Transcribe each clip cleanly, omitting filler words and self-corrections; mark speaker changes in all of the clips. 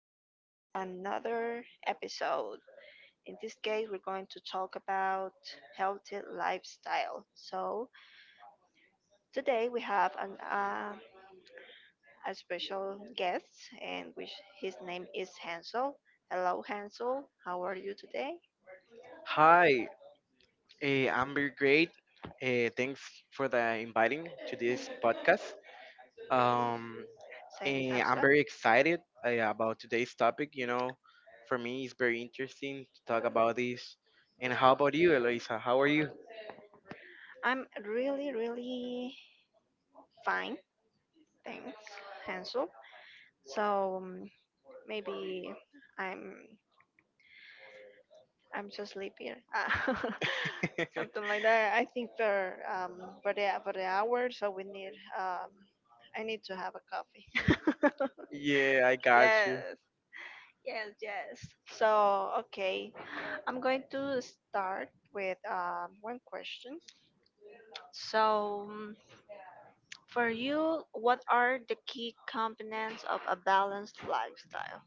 Speaker 1: back to another episode. In this case, we're going to talk about healthy lifestyle. So today we have a special guest, and which his name is Hansel. Hello, Hansel. How are you today?
Speaker 2: Hi, I'm very great. Thanks for the inviting to this podcast. Um,
Speaker 1: Same as
Speaker 2: I'm
Speaker 1: well.
Speaker 2: very excited about today's topic. You know, for me, it's very interesting to talk about this. And how about you, Eloisa? How are you?
Speaker 1: I'm really, really fine. Thanks, Hansel. So um, Maybe I'm I'm so sleepy. Ah, Something like that. I think for the hour, so we need um I need to have a coffee.
Speaker 2: Yeah, I got you.
Speaker 1: Yes, yes, yes. So okay, I'm going to start with one question. So for you, what are the key components of a balanced lifestyle?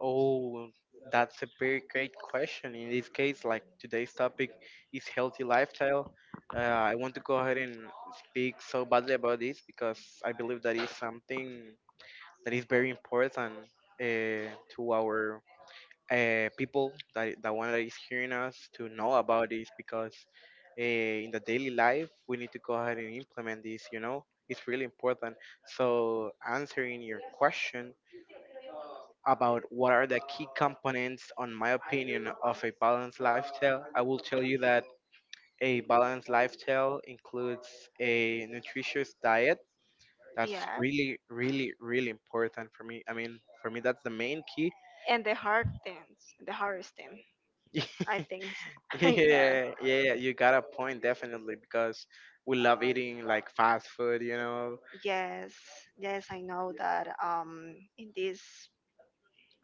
Speaker 2: Oh, that's a very great question. In this case, like today's topic is healthy lifestyle. I want to go ahead and speak so badly about this because I believe that is something that is very important uh, to our people, that the one that is hearing us, to know about this because uh, in the daily life we need to go ahead and implement this. You know, it's really important. So answering your question about what are the key components on my opinion of a balanced lifestyle, I will tell you that a balanced lifestyle includes a nutritious diet. That's
Speaker 1: Yes,
Speaker 2: really really important for me. I mean, for me that's the main key.
Speaker 1: and the hardest thing. I think so. Yes.
Speaker 2: Yeah, you got a point, definitely, because we love eating like fast food.
Speaker 1: Yes, yes, I know that in this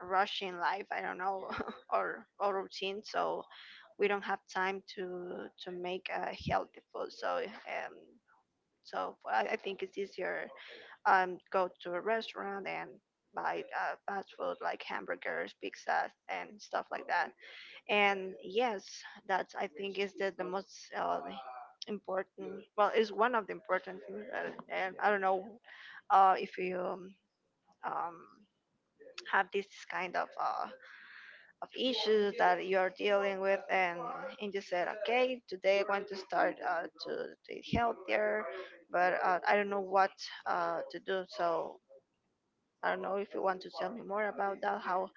Speaker 1: rushing life, I don't know, or routine, so we don't have time to make a healthy food. So I think it's easier, go to a restaurant and buy fast food like hamburgers, pizzas, and stuff like that. And yes, that's I think is the most important. Well, is one of the important things. And I don't know if you um, have this kind of issues that you're dealing with, and you said okay today I'm going to start to eat healthier, but I don't know what to do. So I don't know if you want to tell me more about that, how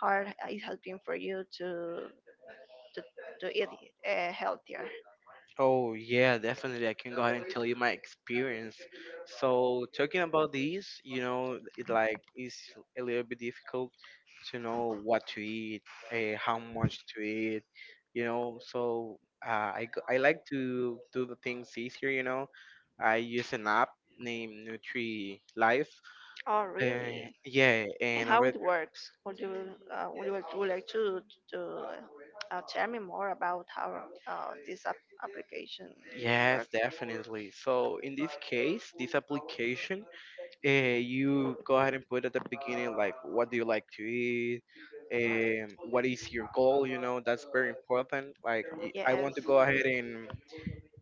Speaker 1: hard it has been for you to to, to eat healthier.
Speaker 2: Oh yeah, definitely. I can go ahead and tell you my experience. So talking about these, you know, it like is a little bit difficult to know what to eat, how much to eat, you know. So I like to do the things easier, you know. I use an app named Nutri Life.
Speaker 1: Oh
Speaker 2: Uh,
Speaker 1: really,
Speaker 2: yeah,
Speaker 1: and
Speaker 2: and
Speaker 1: how
Speaker 2: over there,
Speaker 1: it works. Would you would like to to tell me more about how this application
Speaker 2: yes,
Speaker 1: works?
Speaker 2: definitely. So in this case, this application, you go ahead and put at the beginning like, what do you like to eat, what is your goal? You know, that's very important. Like, I want to
Speaker 1: Yes.
Speaker 2: go ahead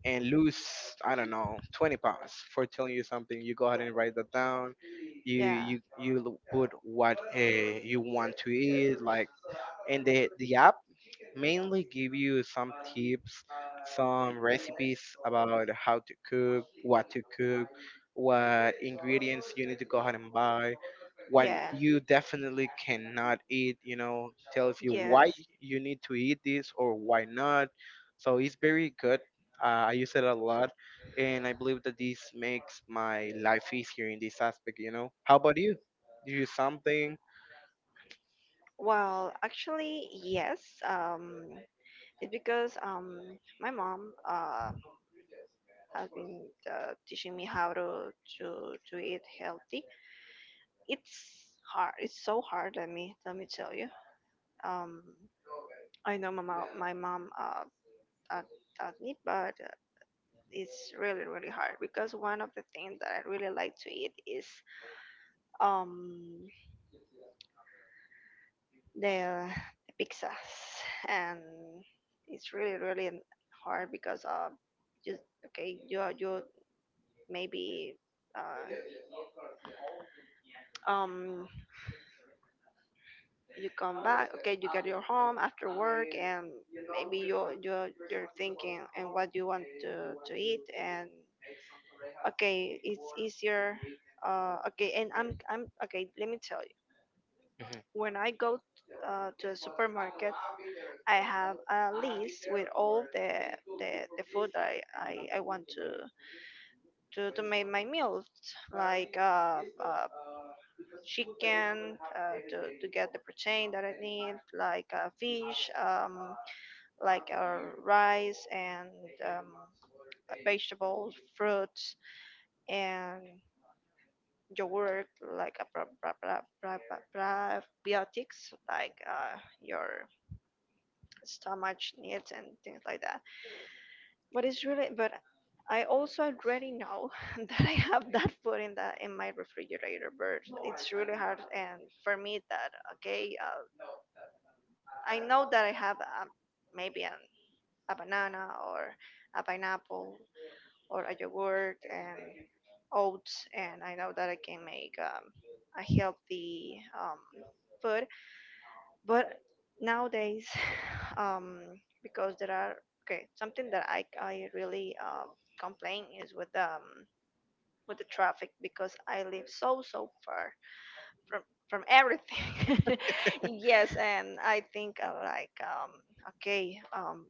Speaker 2: and lose, I don't know, 20 pounds, for telling you something. You go ahead and write that down. you
Speaker 1: Yeah.
Speaker 2: you you l- put what you want to eat like, and the app mainly give you some tips, some recipes about how to cook, what ingredients you need to go ahead and buy, what
Speaker 1: Yeah.
Speaker 2: you definitely cannot eat. You know, tells you why
Speaker 1: Yes.
Speaker 2: you need to eat this or why not. So it's very good. I use it a lot, and I believe that this makes my life easier in this aspect, you know. How about you? Do you use something?
Speaker 1: Well, actually, yes. Um, it's because my mom has been teaching me how to eat healthy. It's hard. It's so hard. Let me tell you. Um, I know my mom, taught, taught me, but it's really really hard because one of the things that I really like to eat is um the pizzas. And it's really really hard because just okay you maybe uh um you come back, okay you get your home after work, and maybe you're thinking and what you want to eat. And okay, it's easier, okay, and I'm okay, let me tell.
Speaker 2: Hmm.
Speaker 1: When I go to a supermarket, I have a list with all the food I want to make my meals, like chicken, to get the protein that I need, like fish, like uh, rice, and um, vegetables, fruits, and yogurt, like a probiotics, like your stomach needs and things like that. But it's really, but I also already know that I have that food in that in my refrigerator. But it's really hard, and for me that okay, I know that I have maybe an a banana, or a pineapple, or a yogurt and oats, and I know that I can make a healthy food. But nowadays um, because there are okay, something that I really complain is with the traffic, because I live so so far from from everything. Yes, and I think okay,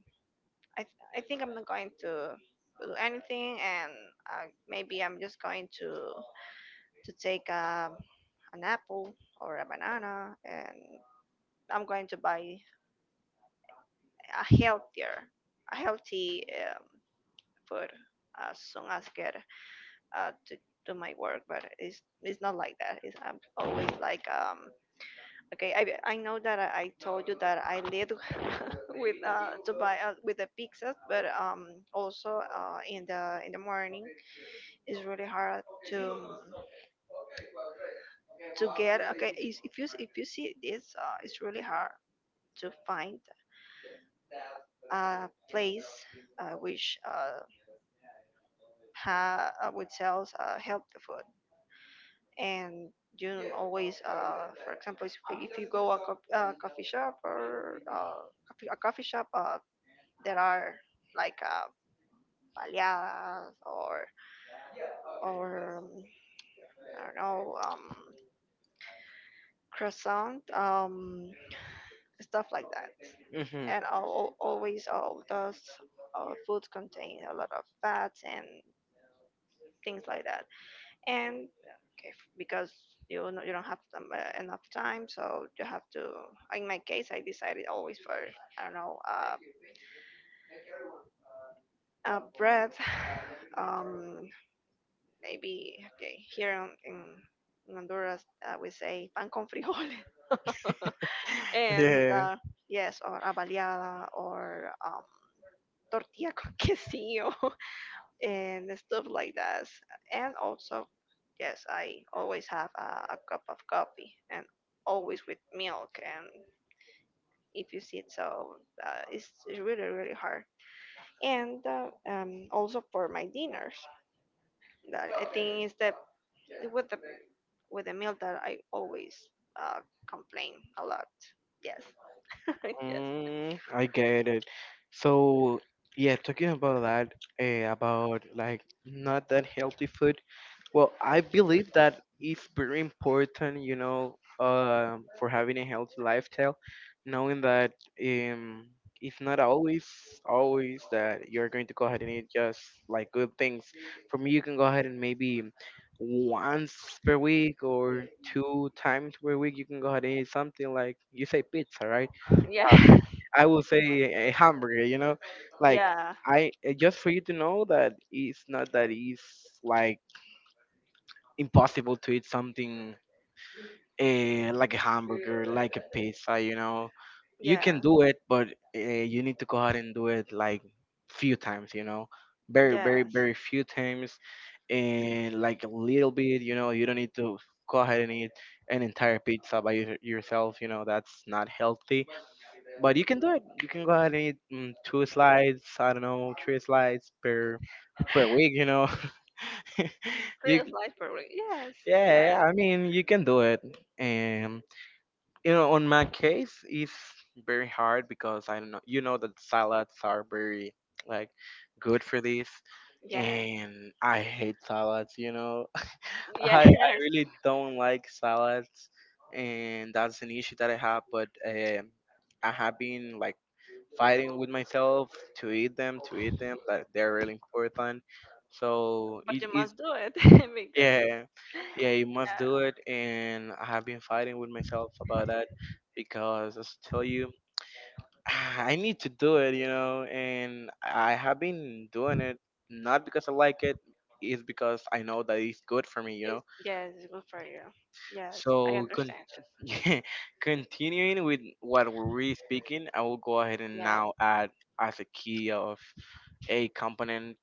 Speaker 1: I I think I'm not going to do anything, and maybe I'm just going to take an apple or a banana, and I'm going to buy a healthier, a healthy food as soon as I get to do my work. But it's not like that. It's, I'm always like Okay, I know that I told you that I lived with Dubai with the pizzas, but also in the morning it's really hard to to get. Okay, if you if you see this, it's really hard to find a place uh, which uh, which sells healthy food. And you don't always, for example, if you go a, co- a coffee shop or coffee- a coffee shop, there are like baleadas, or I don't know, croissant, stuff like that.
Speaker 2: Hmm.
Speaker 1: And always all those foods contain a lot of fats and things like that. And okay, because you know, you don't have enough time, so you have to. In my case, I decided always for I don't know, bread. Um, Maybe okay. Here in, in Honduras, we say pan con frijoles, and
Speaker 2: Yeah.
Speaker 1: yes, or avaliada, or tortilla con quesillo, and stuff like that. And also, yes, I always have a cup of coffee, and always with milk, and if you see it. So it's really really hard. And also for my dinners, that I think is the with the with the meal that I always uh, complain a lot. Yes. Yes,
Speaker 2: Mm, I get it. So, yeah, talking about that, about like not that healthy food, well, I believe that it's very important, you know, for having a healthy lifestyle, knowing that um, it's not always that you're going to go ahead and eat just like good things. For me, you can go ahead and maybe once per week or two times per week, you can go ahead and eat something like you say, pizza, right?
Speaker 1: yeah.
Speaker 2: I will say a hamburger, you know, like,
Speaker 1: Yeah,
Speaker 2: I just for you to know that it's not that it's like impossible to eat something like a hamburger, like a pizza, you know. You
Speaker 1: yeah,
Speaker 2: can do it, but you need to go ahead and do it like few times, you know. Very, very,
Speaker 1: yes.
Speaker 2: very few times, and like a little bit, you know. You don't need to go ahead and eat an entire pizza by yourself, you know. That's not healthy, but you can do it. You can go ahead and eat two slides, I don't know, three slides per per week, you know. You.
Speaker 1: Real life problem. Yes,
Speaker 2: Yeah,
Speaker 1: yes,
Speaker 2: yeah, I mean, you can do it. And you know, on my case, it's very hard because I don't know. You know that salads are very like good for this,
Speaker 1: yes,
Speaker 2: and I hate salads. You know,
Speaker 1: yes.
Speaker 2: I really don't like salads, and that's an issue that I have. But I have been like fighting with myself to eat them, to eat them. That they're really important. So
Speaker 1: But
Speaker 2: it,
Speaker 1: you must do it, because.
Speaker 2: yeah, yeah, you must do
Speaker 1: Yeah.
Speaker 2: it. And I have been fighting with myself about that because as I tell you, I need to do it, you know. And I have been doing it not because I like it, it's because I know that it's good for me, you know.
Speaker 1: It's, yes, it's good for you. Yes, I
Speaker 2: So con-
Speaker 1: understand it.
Speaker 2: yeah, continuing with what we're really speaking, I will go ahead and
Speaker 1: Yes,
Speaker 2: now add as a component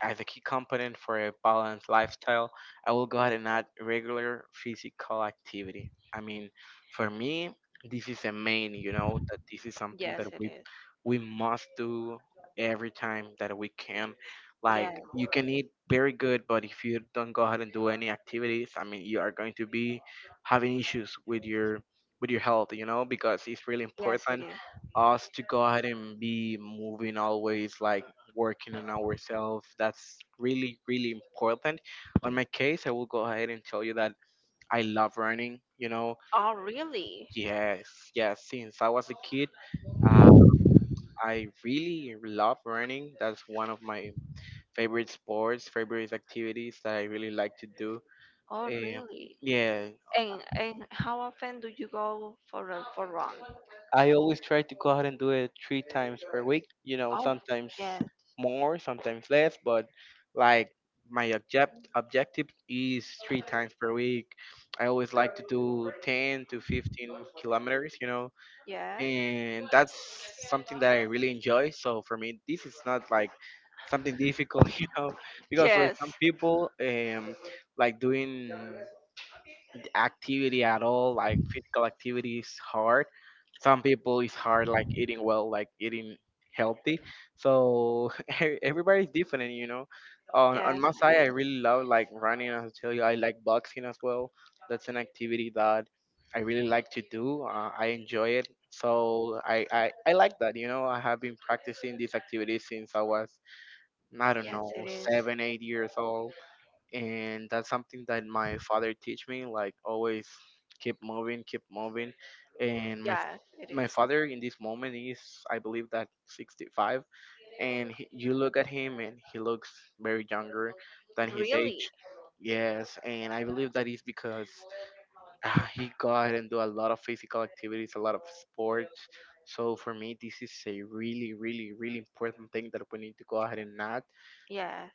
Speaker 2: a key component for a balanced lifestyle, I will go ahead and add regular physical activity. I mean, for me, this is a main, you know, that this is something that
Speaker 1: yes, it
Speaker 2: we
Speaker 1: is.
Speaker 2: we must do every time that we can. Like,
Speaker 1: Yes,
Speaker 2: you can eat very good, but if you don't go ahead and do any activities, I mean, you are going to be having issues with your health, you know, because it's really
Speaker 1: yes, it
Speaker 2: important
Speaker 1: is.
Speaker 2: us to go ahead and be moving always, like working on ourselves. That's really, really important. On my case, I will go ahead and tell you that I love running. You know,
Speaker 1: Oh, really?
Speaker 2: yes, yes. Since I was a kid, uh, I really love running. That's one of my favorite sports, favorite activities that I really like to do.
Speaker 1: Oh,
Speaker 2: Eh,
Speaker 1: really?
Speaker 2: yeah,
Speaker 1: And how often do you go for a for run?
Speaker 2: I always try to go out and do it three times per week. You know,
Speaker 1: Oh,
Speaker 2: sometimes
Speaker 1: yes,
Speaker 2: more, sometimes less, but like, my objective is three times per week. I always like to do 10 to 15 kilometers, you know,
Speaker 1: yeah,
Speaker 2: and that's something that I really enjoy. So for me, this is not like something difficult, you know, because for
Speaker 1: yes,
Speaker 2: some people, like doing activity at all, like physical activity is hard. Some people it's hard like eating well, like eating healthy. So everybody's different, you know. On
Speaker 1: yes,
Speaker 2: my
Speaker 1: it
Speaker 2: side, I
Speaker 1: is.
Speaker 2: really love like running. As I tell you, I like boxing as well. That's an activity that I really like to do. I enjoy it. So I like that. You know, I have been practicing this activity since I was, I don't
Speaker 1: Yes, it
Speaker 2: know,
Speaker 1: is.
Speaker 2: 7 or 8 years old, and that's something that my father teach me, like, always keep moving, keep moving. And
Speaker 1: Yes, it
Speaker 2: my
Speaker 1: is.
Speaker 2: father in this moment is, I believe, that 65, and he, you look at him and he looks very younger than his age.
Speaker 1: Really?
Speaker 2: Yes, and I believe that is because he go out and do a lot of physical activities, a lot of sports. So for me this is a really really really important thing that we need to go ahead and
Speaker 1: Yeah.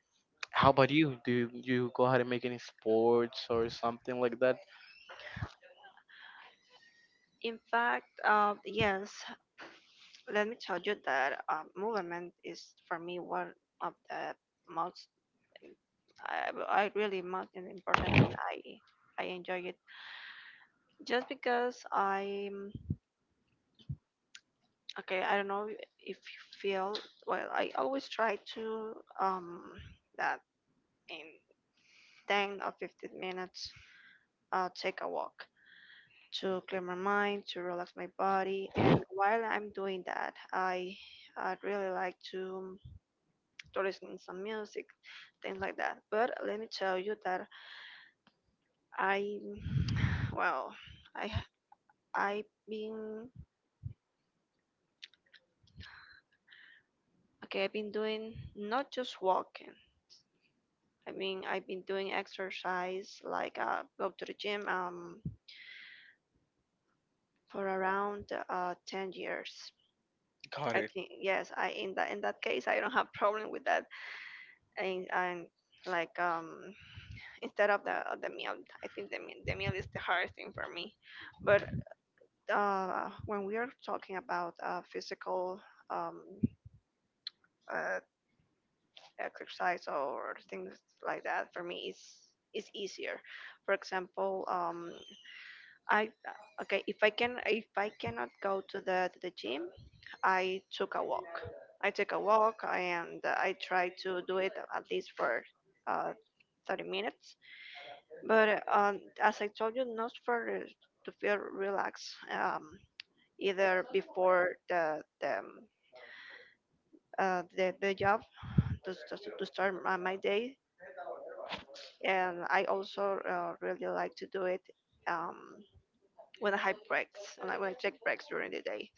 Speaker 2: how about you? Do you, you go ahead and make any sports or something like that?
Speaker 1: In fact, yes, let me tell you that movement is for me one of the most I really most important thing. I enjoy it just because I'm okay. I don't know if you feel well. I always try to um that in 10 or 15 minutes take a walk to clear my mind, to relax my body. And while I'm doing that, I really like to stories and some music, things like that. But let me tell you that I, well, I I've been okay. I've been doing not just walking. I mean, I've been doing exercise like go to the gym, for around 10 years.
Speaker 2: Got
Speaker 1: I
Speaker 2: it.
Speaker 1: think yes. I in that case, I don't have problem with that. And like instead of the meal, I think the meal is the hardest thing for me. But when we are talking about physical um, uh, exercise or things like that, for me, it's easier. For example, I okay, if I cannot go to the gym, I took a walk. I take a walk and I try to do it at least for uh, 30 minutes. But as I told you, not for to feel relaxed. Either before the the job to start my, my day. And I also really like to do it um, when I have breaks, when I take breaks during the day.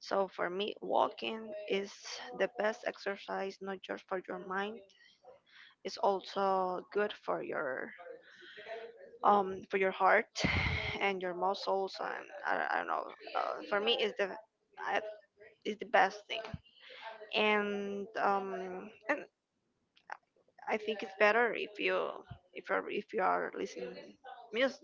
Speaker 1: So for me, walking is the best exercise, not just for your mind. It's also good for your heart and your muscles. And I don't know. For me, is the I- is the best thing. And I think it's better if you are listening music.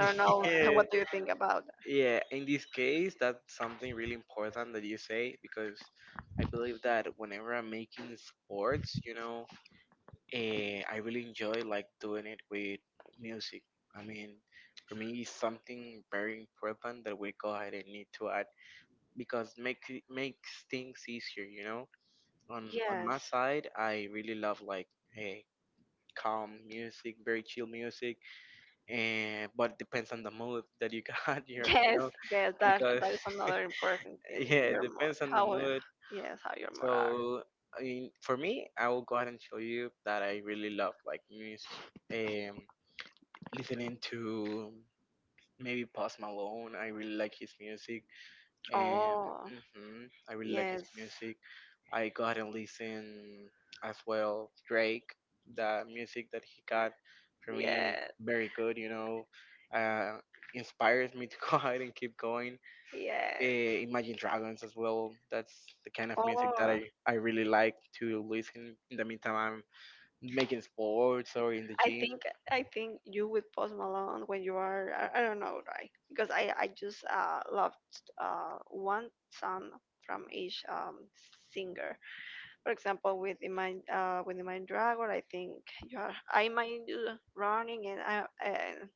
Speaker 1: I don't know
Speaker 2: Yeah,
Speaker 1: what do you think about that.
Speaker 2: yeah. In this case, that's something really important that you say because I believe that whenever I'm making sports, you know, I really enjoy like doing it with music. I mean, for me, it's something very important that we go ahead and need to add because makes things easier, you know. On
Speaker 1: Yes,
Speaker 2: my side, I really love like eh, calm music, very chill music, and but it depends on the mood that you got. Here, you
Speaker 1: yes,
Speaker 2: know,
Speaker 1: yes. That
Speaker 2: because
Speaker 1: that is another important thing.
Speaker 2: yeah, it
Speaker 1: Your mood,
Speaker 2: depends on the
Speaker 1: how
Speaker 2: mood.
Speaker 1: yes, how your mood are.
Speaker 2: So I mean, for me, I will go ahead and show you that I really love like music. Um, Listening to maybe Post Malone, I really like his music. And
Speaker 1: Oh,
Speaker 2: hmm, I really like his
Speaker 1: yes,
Speaker 2: music. I got and listen as well Drake. The music that he got for me
Speaker 1: yes,
Speaker 2: very good. You know, uh, inspires me to go ahead and keep going.
Speaker 1: yes.
Speaker 2: Imagine Dragons as well. That's the kind of music that
Speaker 1: Oh,
Speaker 2: I really like to listen. In the meantime, I'm making sports or in the
Speaker 1: I
Speaker 2: gym.
Speaker 1: think I think you with Post Malone when you are I don't know right, because I just loved one song from each singer. For example, with the mind dragon, I think you are, I mind you running and I and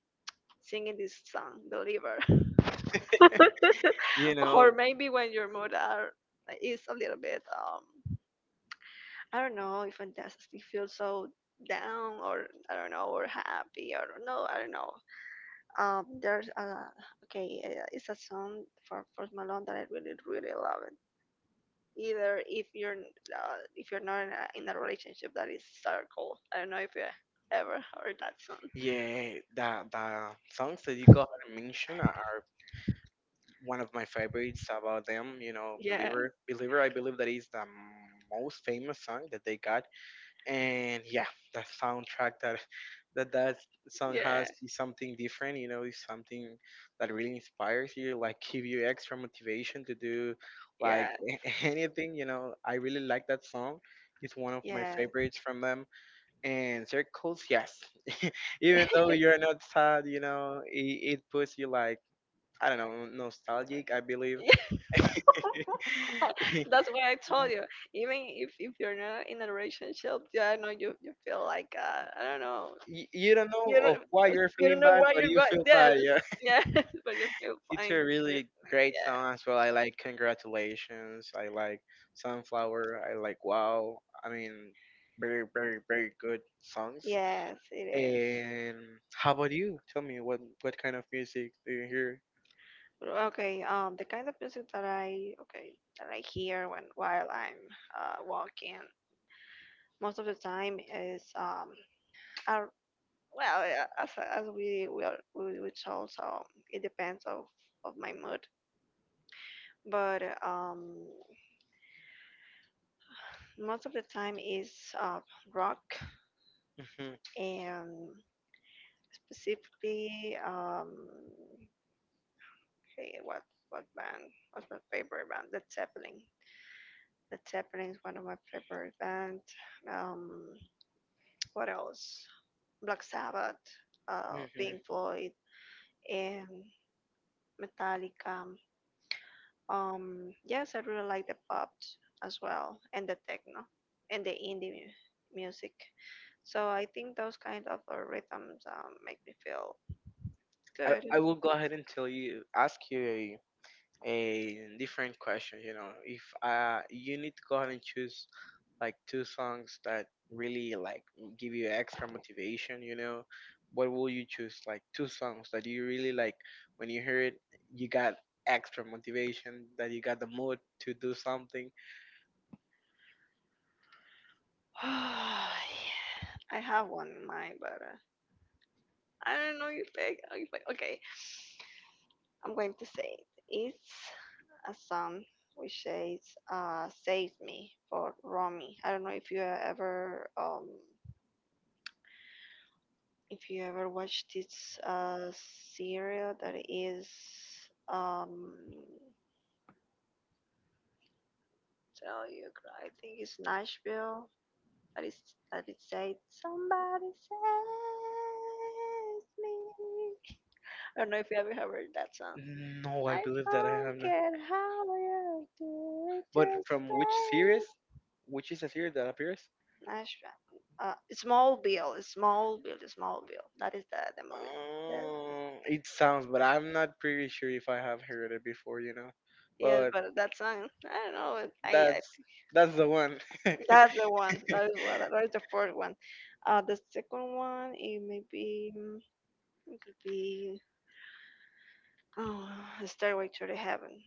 Speaker 1: singing this song, Believer,
Speaker 2: You know,
Speaker 1: or maybe when your mood are is a little bit I don't know if it does you feel so down, or I don't know, or happy, or no, I don't know. There's a okay, it's a song for Post Malone that I really really love it. Either if you're not in a, in a relationship, that is Circle. I don't know if you ever heard that song.
Speaker 2: yeah, the songs that you got mentioned are one of my favorites about them, you know. Yeah.
Speaker 1: Yeah,
Speaker 2: Believer. Believer, I believe that is the most famous song that they got. And yeah, the soundtrack that that song
Speaker 1: yeah,
Speaker 2: has is something different, you know, is something that really inspires you, like give you extra motivation to do
Speaker 1: yeah,
Speaker 2: like
Speaker 1: yeah.
Speaker 2: anything, you know. I really like that song. It's one of my favorites from them. And Circles, yes. Even though you're not sad, you know, it puts you like, I don't know, nostalgic, I believe.
Speaker 1: Yeah, that's why I told you. Even if you're not in a relationship, yeah, I know you, you feel like I don't know.
Speaker 2: You don't know
Speaker 1: You
Speaker 2: of
Speaker 1: don't,
Speaker 2: why you're
Speaker 1: you don't
Speaker 2: feeling
Speaker 1: know
Speaker 2: bad,
Speaker 1: why
Speaker 2: but
Speaker 1: you
Speaker 2: you
Speaker 1: got
Speaker 2: feel bad.
Speaker 1: those.
Speaker 2: Yeah,
Speaker 1: Yeah, but you feel
Speaker 2: it's a
Speaker 1: fine
Speaker 2: really
Speaker 1: listening.
Speaker 2: great
Speaker 1: Yeah.
Speaker 2: song as well. I like Congratulations. I like Sunflower. I like Wow. I mean, very very very good songs.
Speaker 1: Yes, it is.
Speaker 2: And how about you? Tell me what kind of music do you hear?
Speaker 1: Okay, the kind of music that I okay that I hear when while I'm walking most of the time is I, well yeah, as we told, so it depends of my mood, but most of the time is uh, rock,
Speaker 2: Hmm.
Speaker 1: and specifically hey, what band, what's my favorite band? Led Zeppelin. Led Zeppelin is one of my favorite band. um what else? Black Sabbath, Pink
Speaker 2: Hmm.
Speaker 1: Floyd, and Metallica. Yes, I really like the pop as well, and the techno, and the indie music. So I think those kind of rhythms make me feel good.
Speaker 2: I will go ahead and tell you ask you a different question. You know, if you need to go ahead and choose like two songs that really like give you extra motivation, you know, what will you choose? Like two songs that you really like when you hear it, you got extra motivation, that you got the mood to do something.
Speaker 1: Yeah, I have one in mind, but I don't know if I. I'm going to say it. It's a song which says "Save Me" for Romy. I don't know if you ever watched this serial that is um tell you I think it's Nashville, that is that it said somebody save me. I don't know if you ever heard that song.
Speaker 2: No, I
Speaker 1: I
Speaker 2: believe that I have
Speaker 1: don't
Speaker 2: not.
Speaker 1: care how you do it,
Speaker 2: But
Speaker 1: just
Speaker 2: from which
Speaker 1: stay.
Speaker 2: series? Which is a series that appears?
Speaker 1: Nice one. Smallville, Smallville, Smallville. That is the movie. That,
Speaker 2: It sounds, but I'm not pretty sure if I have heard it before, you know.
Speaker 1: yeah,
Speaker 2: But
Speaker 1: but that song, I don't know. I
Speaker 2: that's that's the one.
Speaker 1: that's the one. That is what. That is the fourth one. The second one, it may be, it could be, oh, Stairway to the Heaven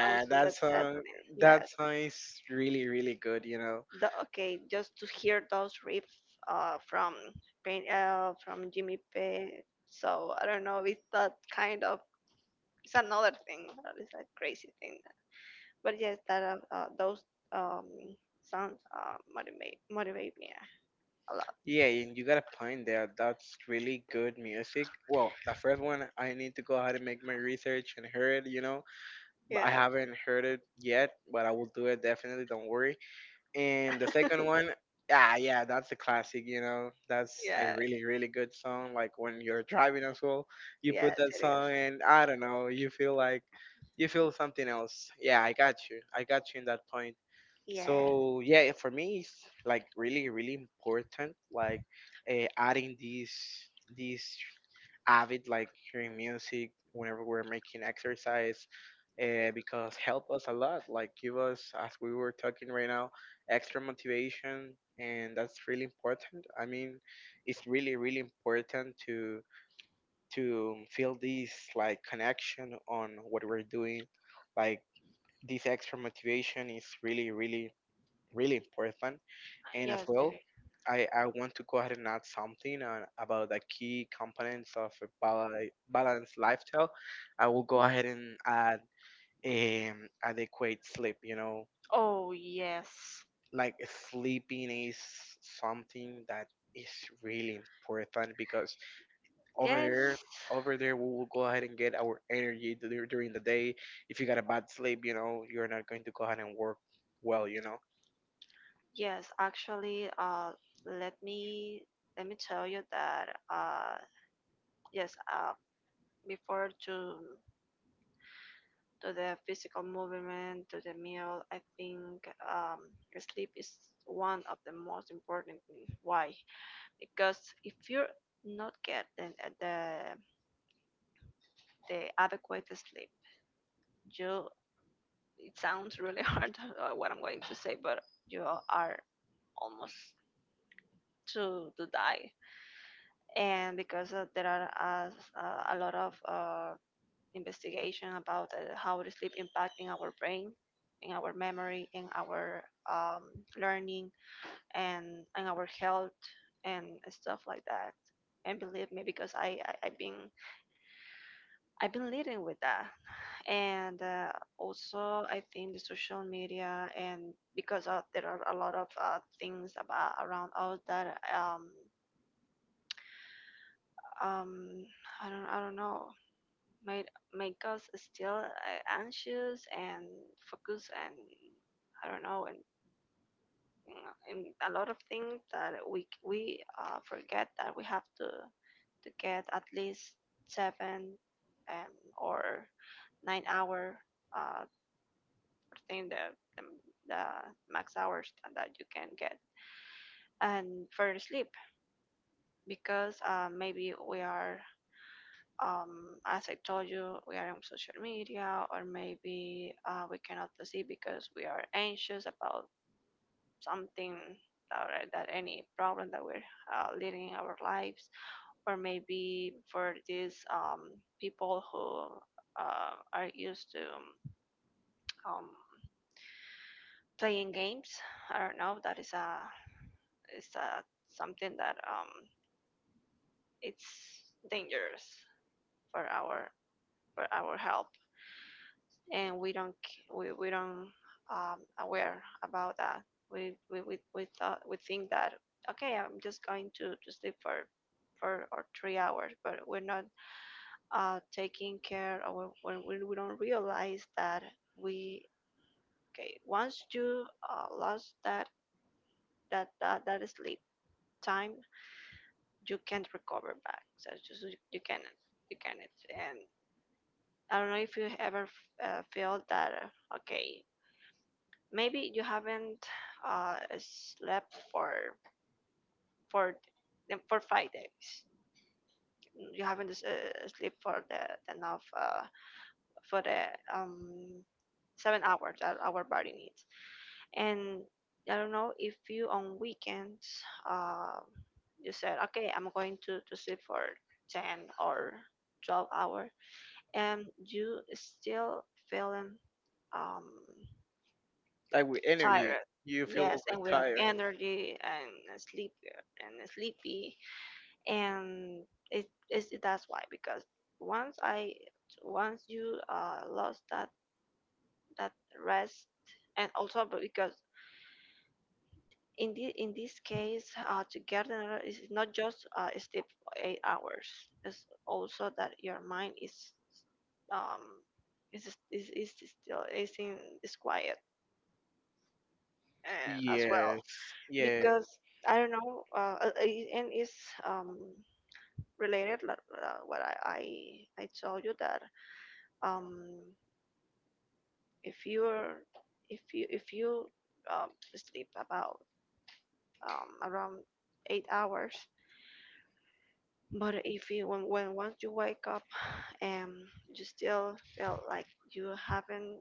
Speaker 1: from
Speaker 2: that
Speaker 1: Sunset
Speaker 2: song
Speaker 1: Zeppelin. Yeah,
Speaker 2: that song is really really good, you know.
Speaker 1: the okay just to hear those riffs from from Jimmy Page. So I don't know. It's that kind of, it's another thing. It's a crazy thing. But yes, that those um sounds motivate me a lot.
Speaker 2: Yeah, and you got a point there. That's really good music. Well, the first one I need to go ahead and make my research and hear it, you know. But I
Speaker 1: Yeah,
Speaker 2: haven't heard it yet, but I will do it definitely, don't worry. And the second one, yeah, yeah, that's a classic, you know. That's a
Speaker 1: yeah,
Speaker 2: really really good song. Like when you're driving as well, you put
Speaker 1: yes
Speaker 2: that
Speaker 1: it is.
Speaker 2: song and I don't know, you feel like you feel something else. Yeah, I got you. I got you in that point.
Speaker 1: Yes,
Speaker 2: So yeah, for me it's like really really important like adding these avid like hearing music whenever we're making exercise because help us a lot like give us as we were talking right now extra motivation, and that's really important. I mean, it's really really important to feel this like connection on what we're doing, like this extra motivation is really really really important. And as
Speaker 1: yes it
Speaker 2: well,
Speaker 1: is.
Speaker 2: I want to go ahead and add something on, about the key components of a balanced lifestyle. I will go ahead and add adequate sleep. You know,
Speaker 1: Oh yes,
Speaker 2: like sleeping is something that is really important because over
Speaker 1: yes,
Speaker 2: there, over there, we will go ahead and get our energy during the day. If you got a bad sleep, you know, you're not going to go ahead and work well. You know,
Speaker 1: yes. Actually, let me let me tell you that yes, before to the physical movement, to the meal, I think sleep is one of the most important thing. Why? Because if you're not getting the adequate sleep, you — it sounds really hard what I'm going to say, but you are almost to die. And because there are a lot of investigation about how the sleep impacting our brain, in our memory, in our um, learning, and our health and stuff like that. And believe me, because I've been leading with that, and also I think the social media, and because of, there are a lot of things about around us that um I don't know made make us still anxious and focus, and I don't know, and a lot of things that we forget that we have to get at least seven, or 9 hour. uh I think the the max hours that you can get and for sleep, because maybe we are, as I told you, we are on social media, or maybe we cannot proceed because we are anxious about something, or that any problem that we're leading in our lives, or maybe for these people who are used to um, playing games. I don't know. That is a is a something that it's dangerous for our for our health. And we don't c- we don't aware about that. We think that okay, I'm just going to sleep for or 3 hours, but we're not taking care, or when we don't realize that, we, okay, once you lost that sleep time, you can't recover back. So it's just, you cannot you cannot, and. I don't know if you ever feel that okay, maybe you haven't slept for for 5 days. You haven't slept for the enough for the um 7 hours that our body needs. And I don't know if you, on weekends, uh, you said okay, I'm going to sleep for 10 or 12 hour, and you still feeling um
Speaker 2: like with energy,
Speaker 1: tired.
Speaker 2: you
Speaker 1: Yes,
Speaker 2: feel
Speaker 1: and
Speaker 2: like
Speaker 1: without
Speaker 2: tired.
Speaker 1: energy, and sleep and sleepy, and it is, that's why, because once I once you lost that rest. And also because in the in this case, together is not just sleep for 8 hours, it's also that your mind um is is still is in is quiet as well.
Speaker 2: Yes, yeah,
Speaker 1: Because I don't know, and it's um, related, like, what I told you, that um, if you're if you um, sleep about around 8 hours, but if you when once you wake up and you still feel like you haven't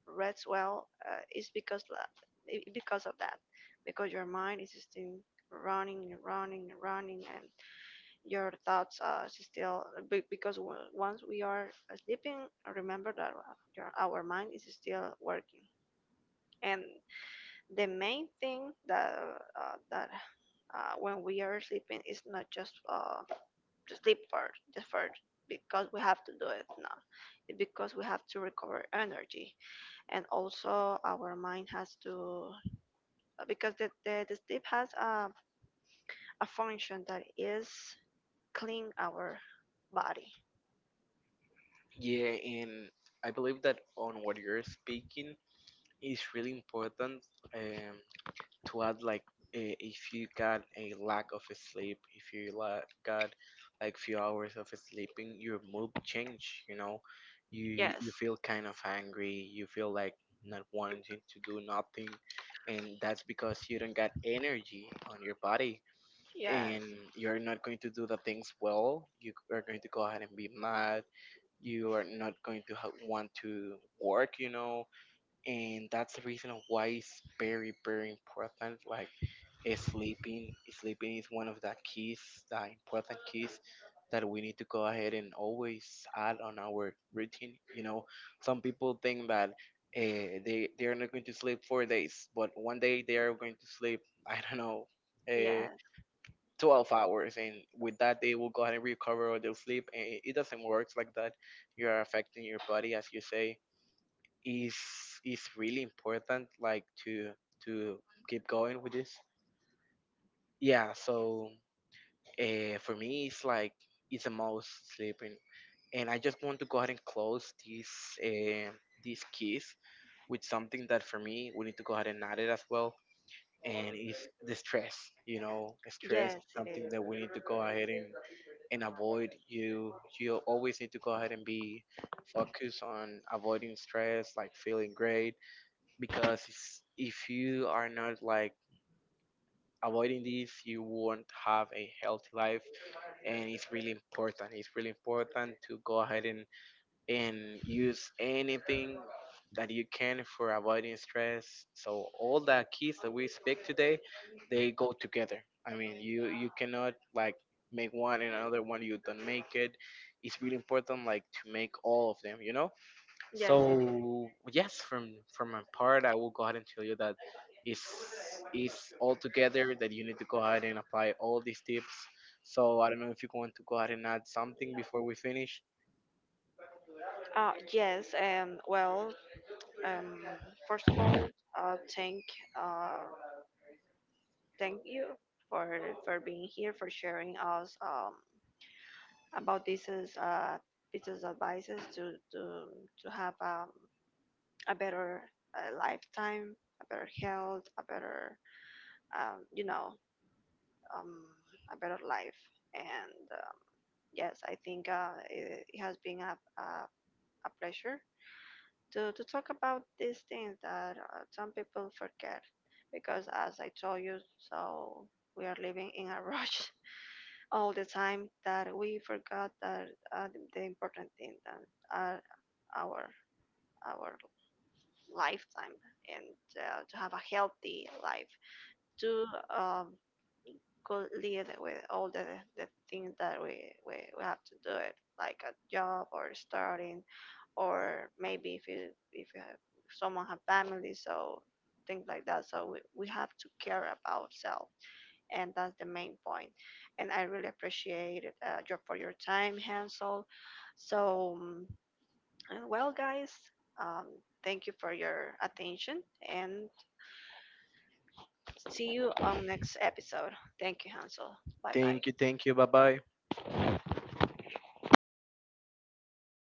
Speaker 1: rest well, it's because because of that, because your mind is just in running and running and running, your thoughts are still, because once we are sleeping, remember that our mind is still working. And the main thing that uh, that when we are sleeping is not just to sleep first, just first, because we have to do it now. It's because we have to recover energy, and also our mind has to, because the sleep has a function that is clean our body.
Speaker 2: yeah, and I believe that on what you're speaking is really important, um, to add like if you got a lack of sleep, if you got like few hours of sleeping, your mood change. You know, you
Speaker 1: Yes.
Speaker 2: feel kind of angry. You feel like not wanting to do nothing, and that's because you don't got energy on your body, and
Speaker 1: Yes.
Speaker 2: you're not going to do the things well. You are going to go ahead and be mad. You are not going to want to work, you know. And that's the reason of why it's very very important, like sleeping is one of the keys, the important keys, that we need to go ahead and always add on our routine, you know. Some people think that they are not going to sleep 4 days but one day they are going to sleep, I don't know, uh,
Speaker 1: Yes.
Speaker 2: 12 hours, and with that they will go ahead and recover, or they'll sleep. And it doesn't work like that. You're affecting your body, as you say. is is really important like to keep going with this. Yeah, so for me it's like it's the most, sleeping. And I just want to go ahead and close this this kiss with something that for me we need to go ahead and add it as well, and it's the stress. You know, stress is
Speaker 1: Yes, it is.
Speaker 2: something that we need to go ahead and avoid. You always need to go ahead and be focused on avoiding stress, like feeling great. Because if you are not like avoiding this, you won't have a healthy life. And it's really important, it's really important to go ahead and use anything that you can for avoiding stress. So all the keys that we speak today, they go together. I mean, you cannot like make one and another one you don't make it. It's really important like to make all of them, you know.
Speaker 1: Yes, it is.
Speaker 2: So yes, from my part, I will go ahead and tell you that it's it's all together that you need to go ahead and apply all these tips. So I don't know if you want to go ahead and add something before we finish.
Speaker 1: Yes, and well, um, first of all, uh, thank, uh, thank you for being here, for sharing us about these uh, pieces of advices to have a better lifetime, a better health, a better, um, you know um, a better life. And yes, I think it has been a pleasure to talk about these things that some people forget, because, as I told you, so we are living in a rush all the time, that we forgot that the important thing that are our our lifetime, and to have a healthy life, to um, could lead with all the things that we have to do it, like a job or starting, or maybe if you have someone, have family, so things like that. So we have to care about self, and that's the main point. And I really appreciate it, for your time, Hansel. So and well, guys, um, thank you for your attention, and see you on next episode. Thank you, Hansel. Bye bye.
Speaker 2: Thank you, bye bye.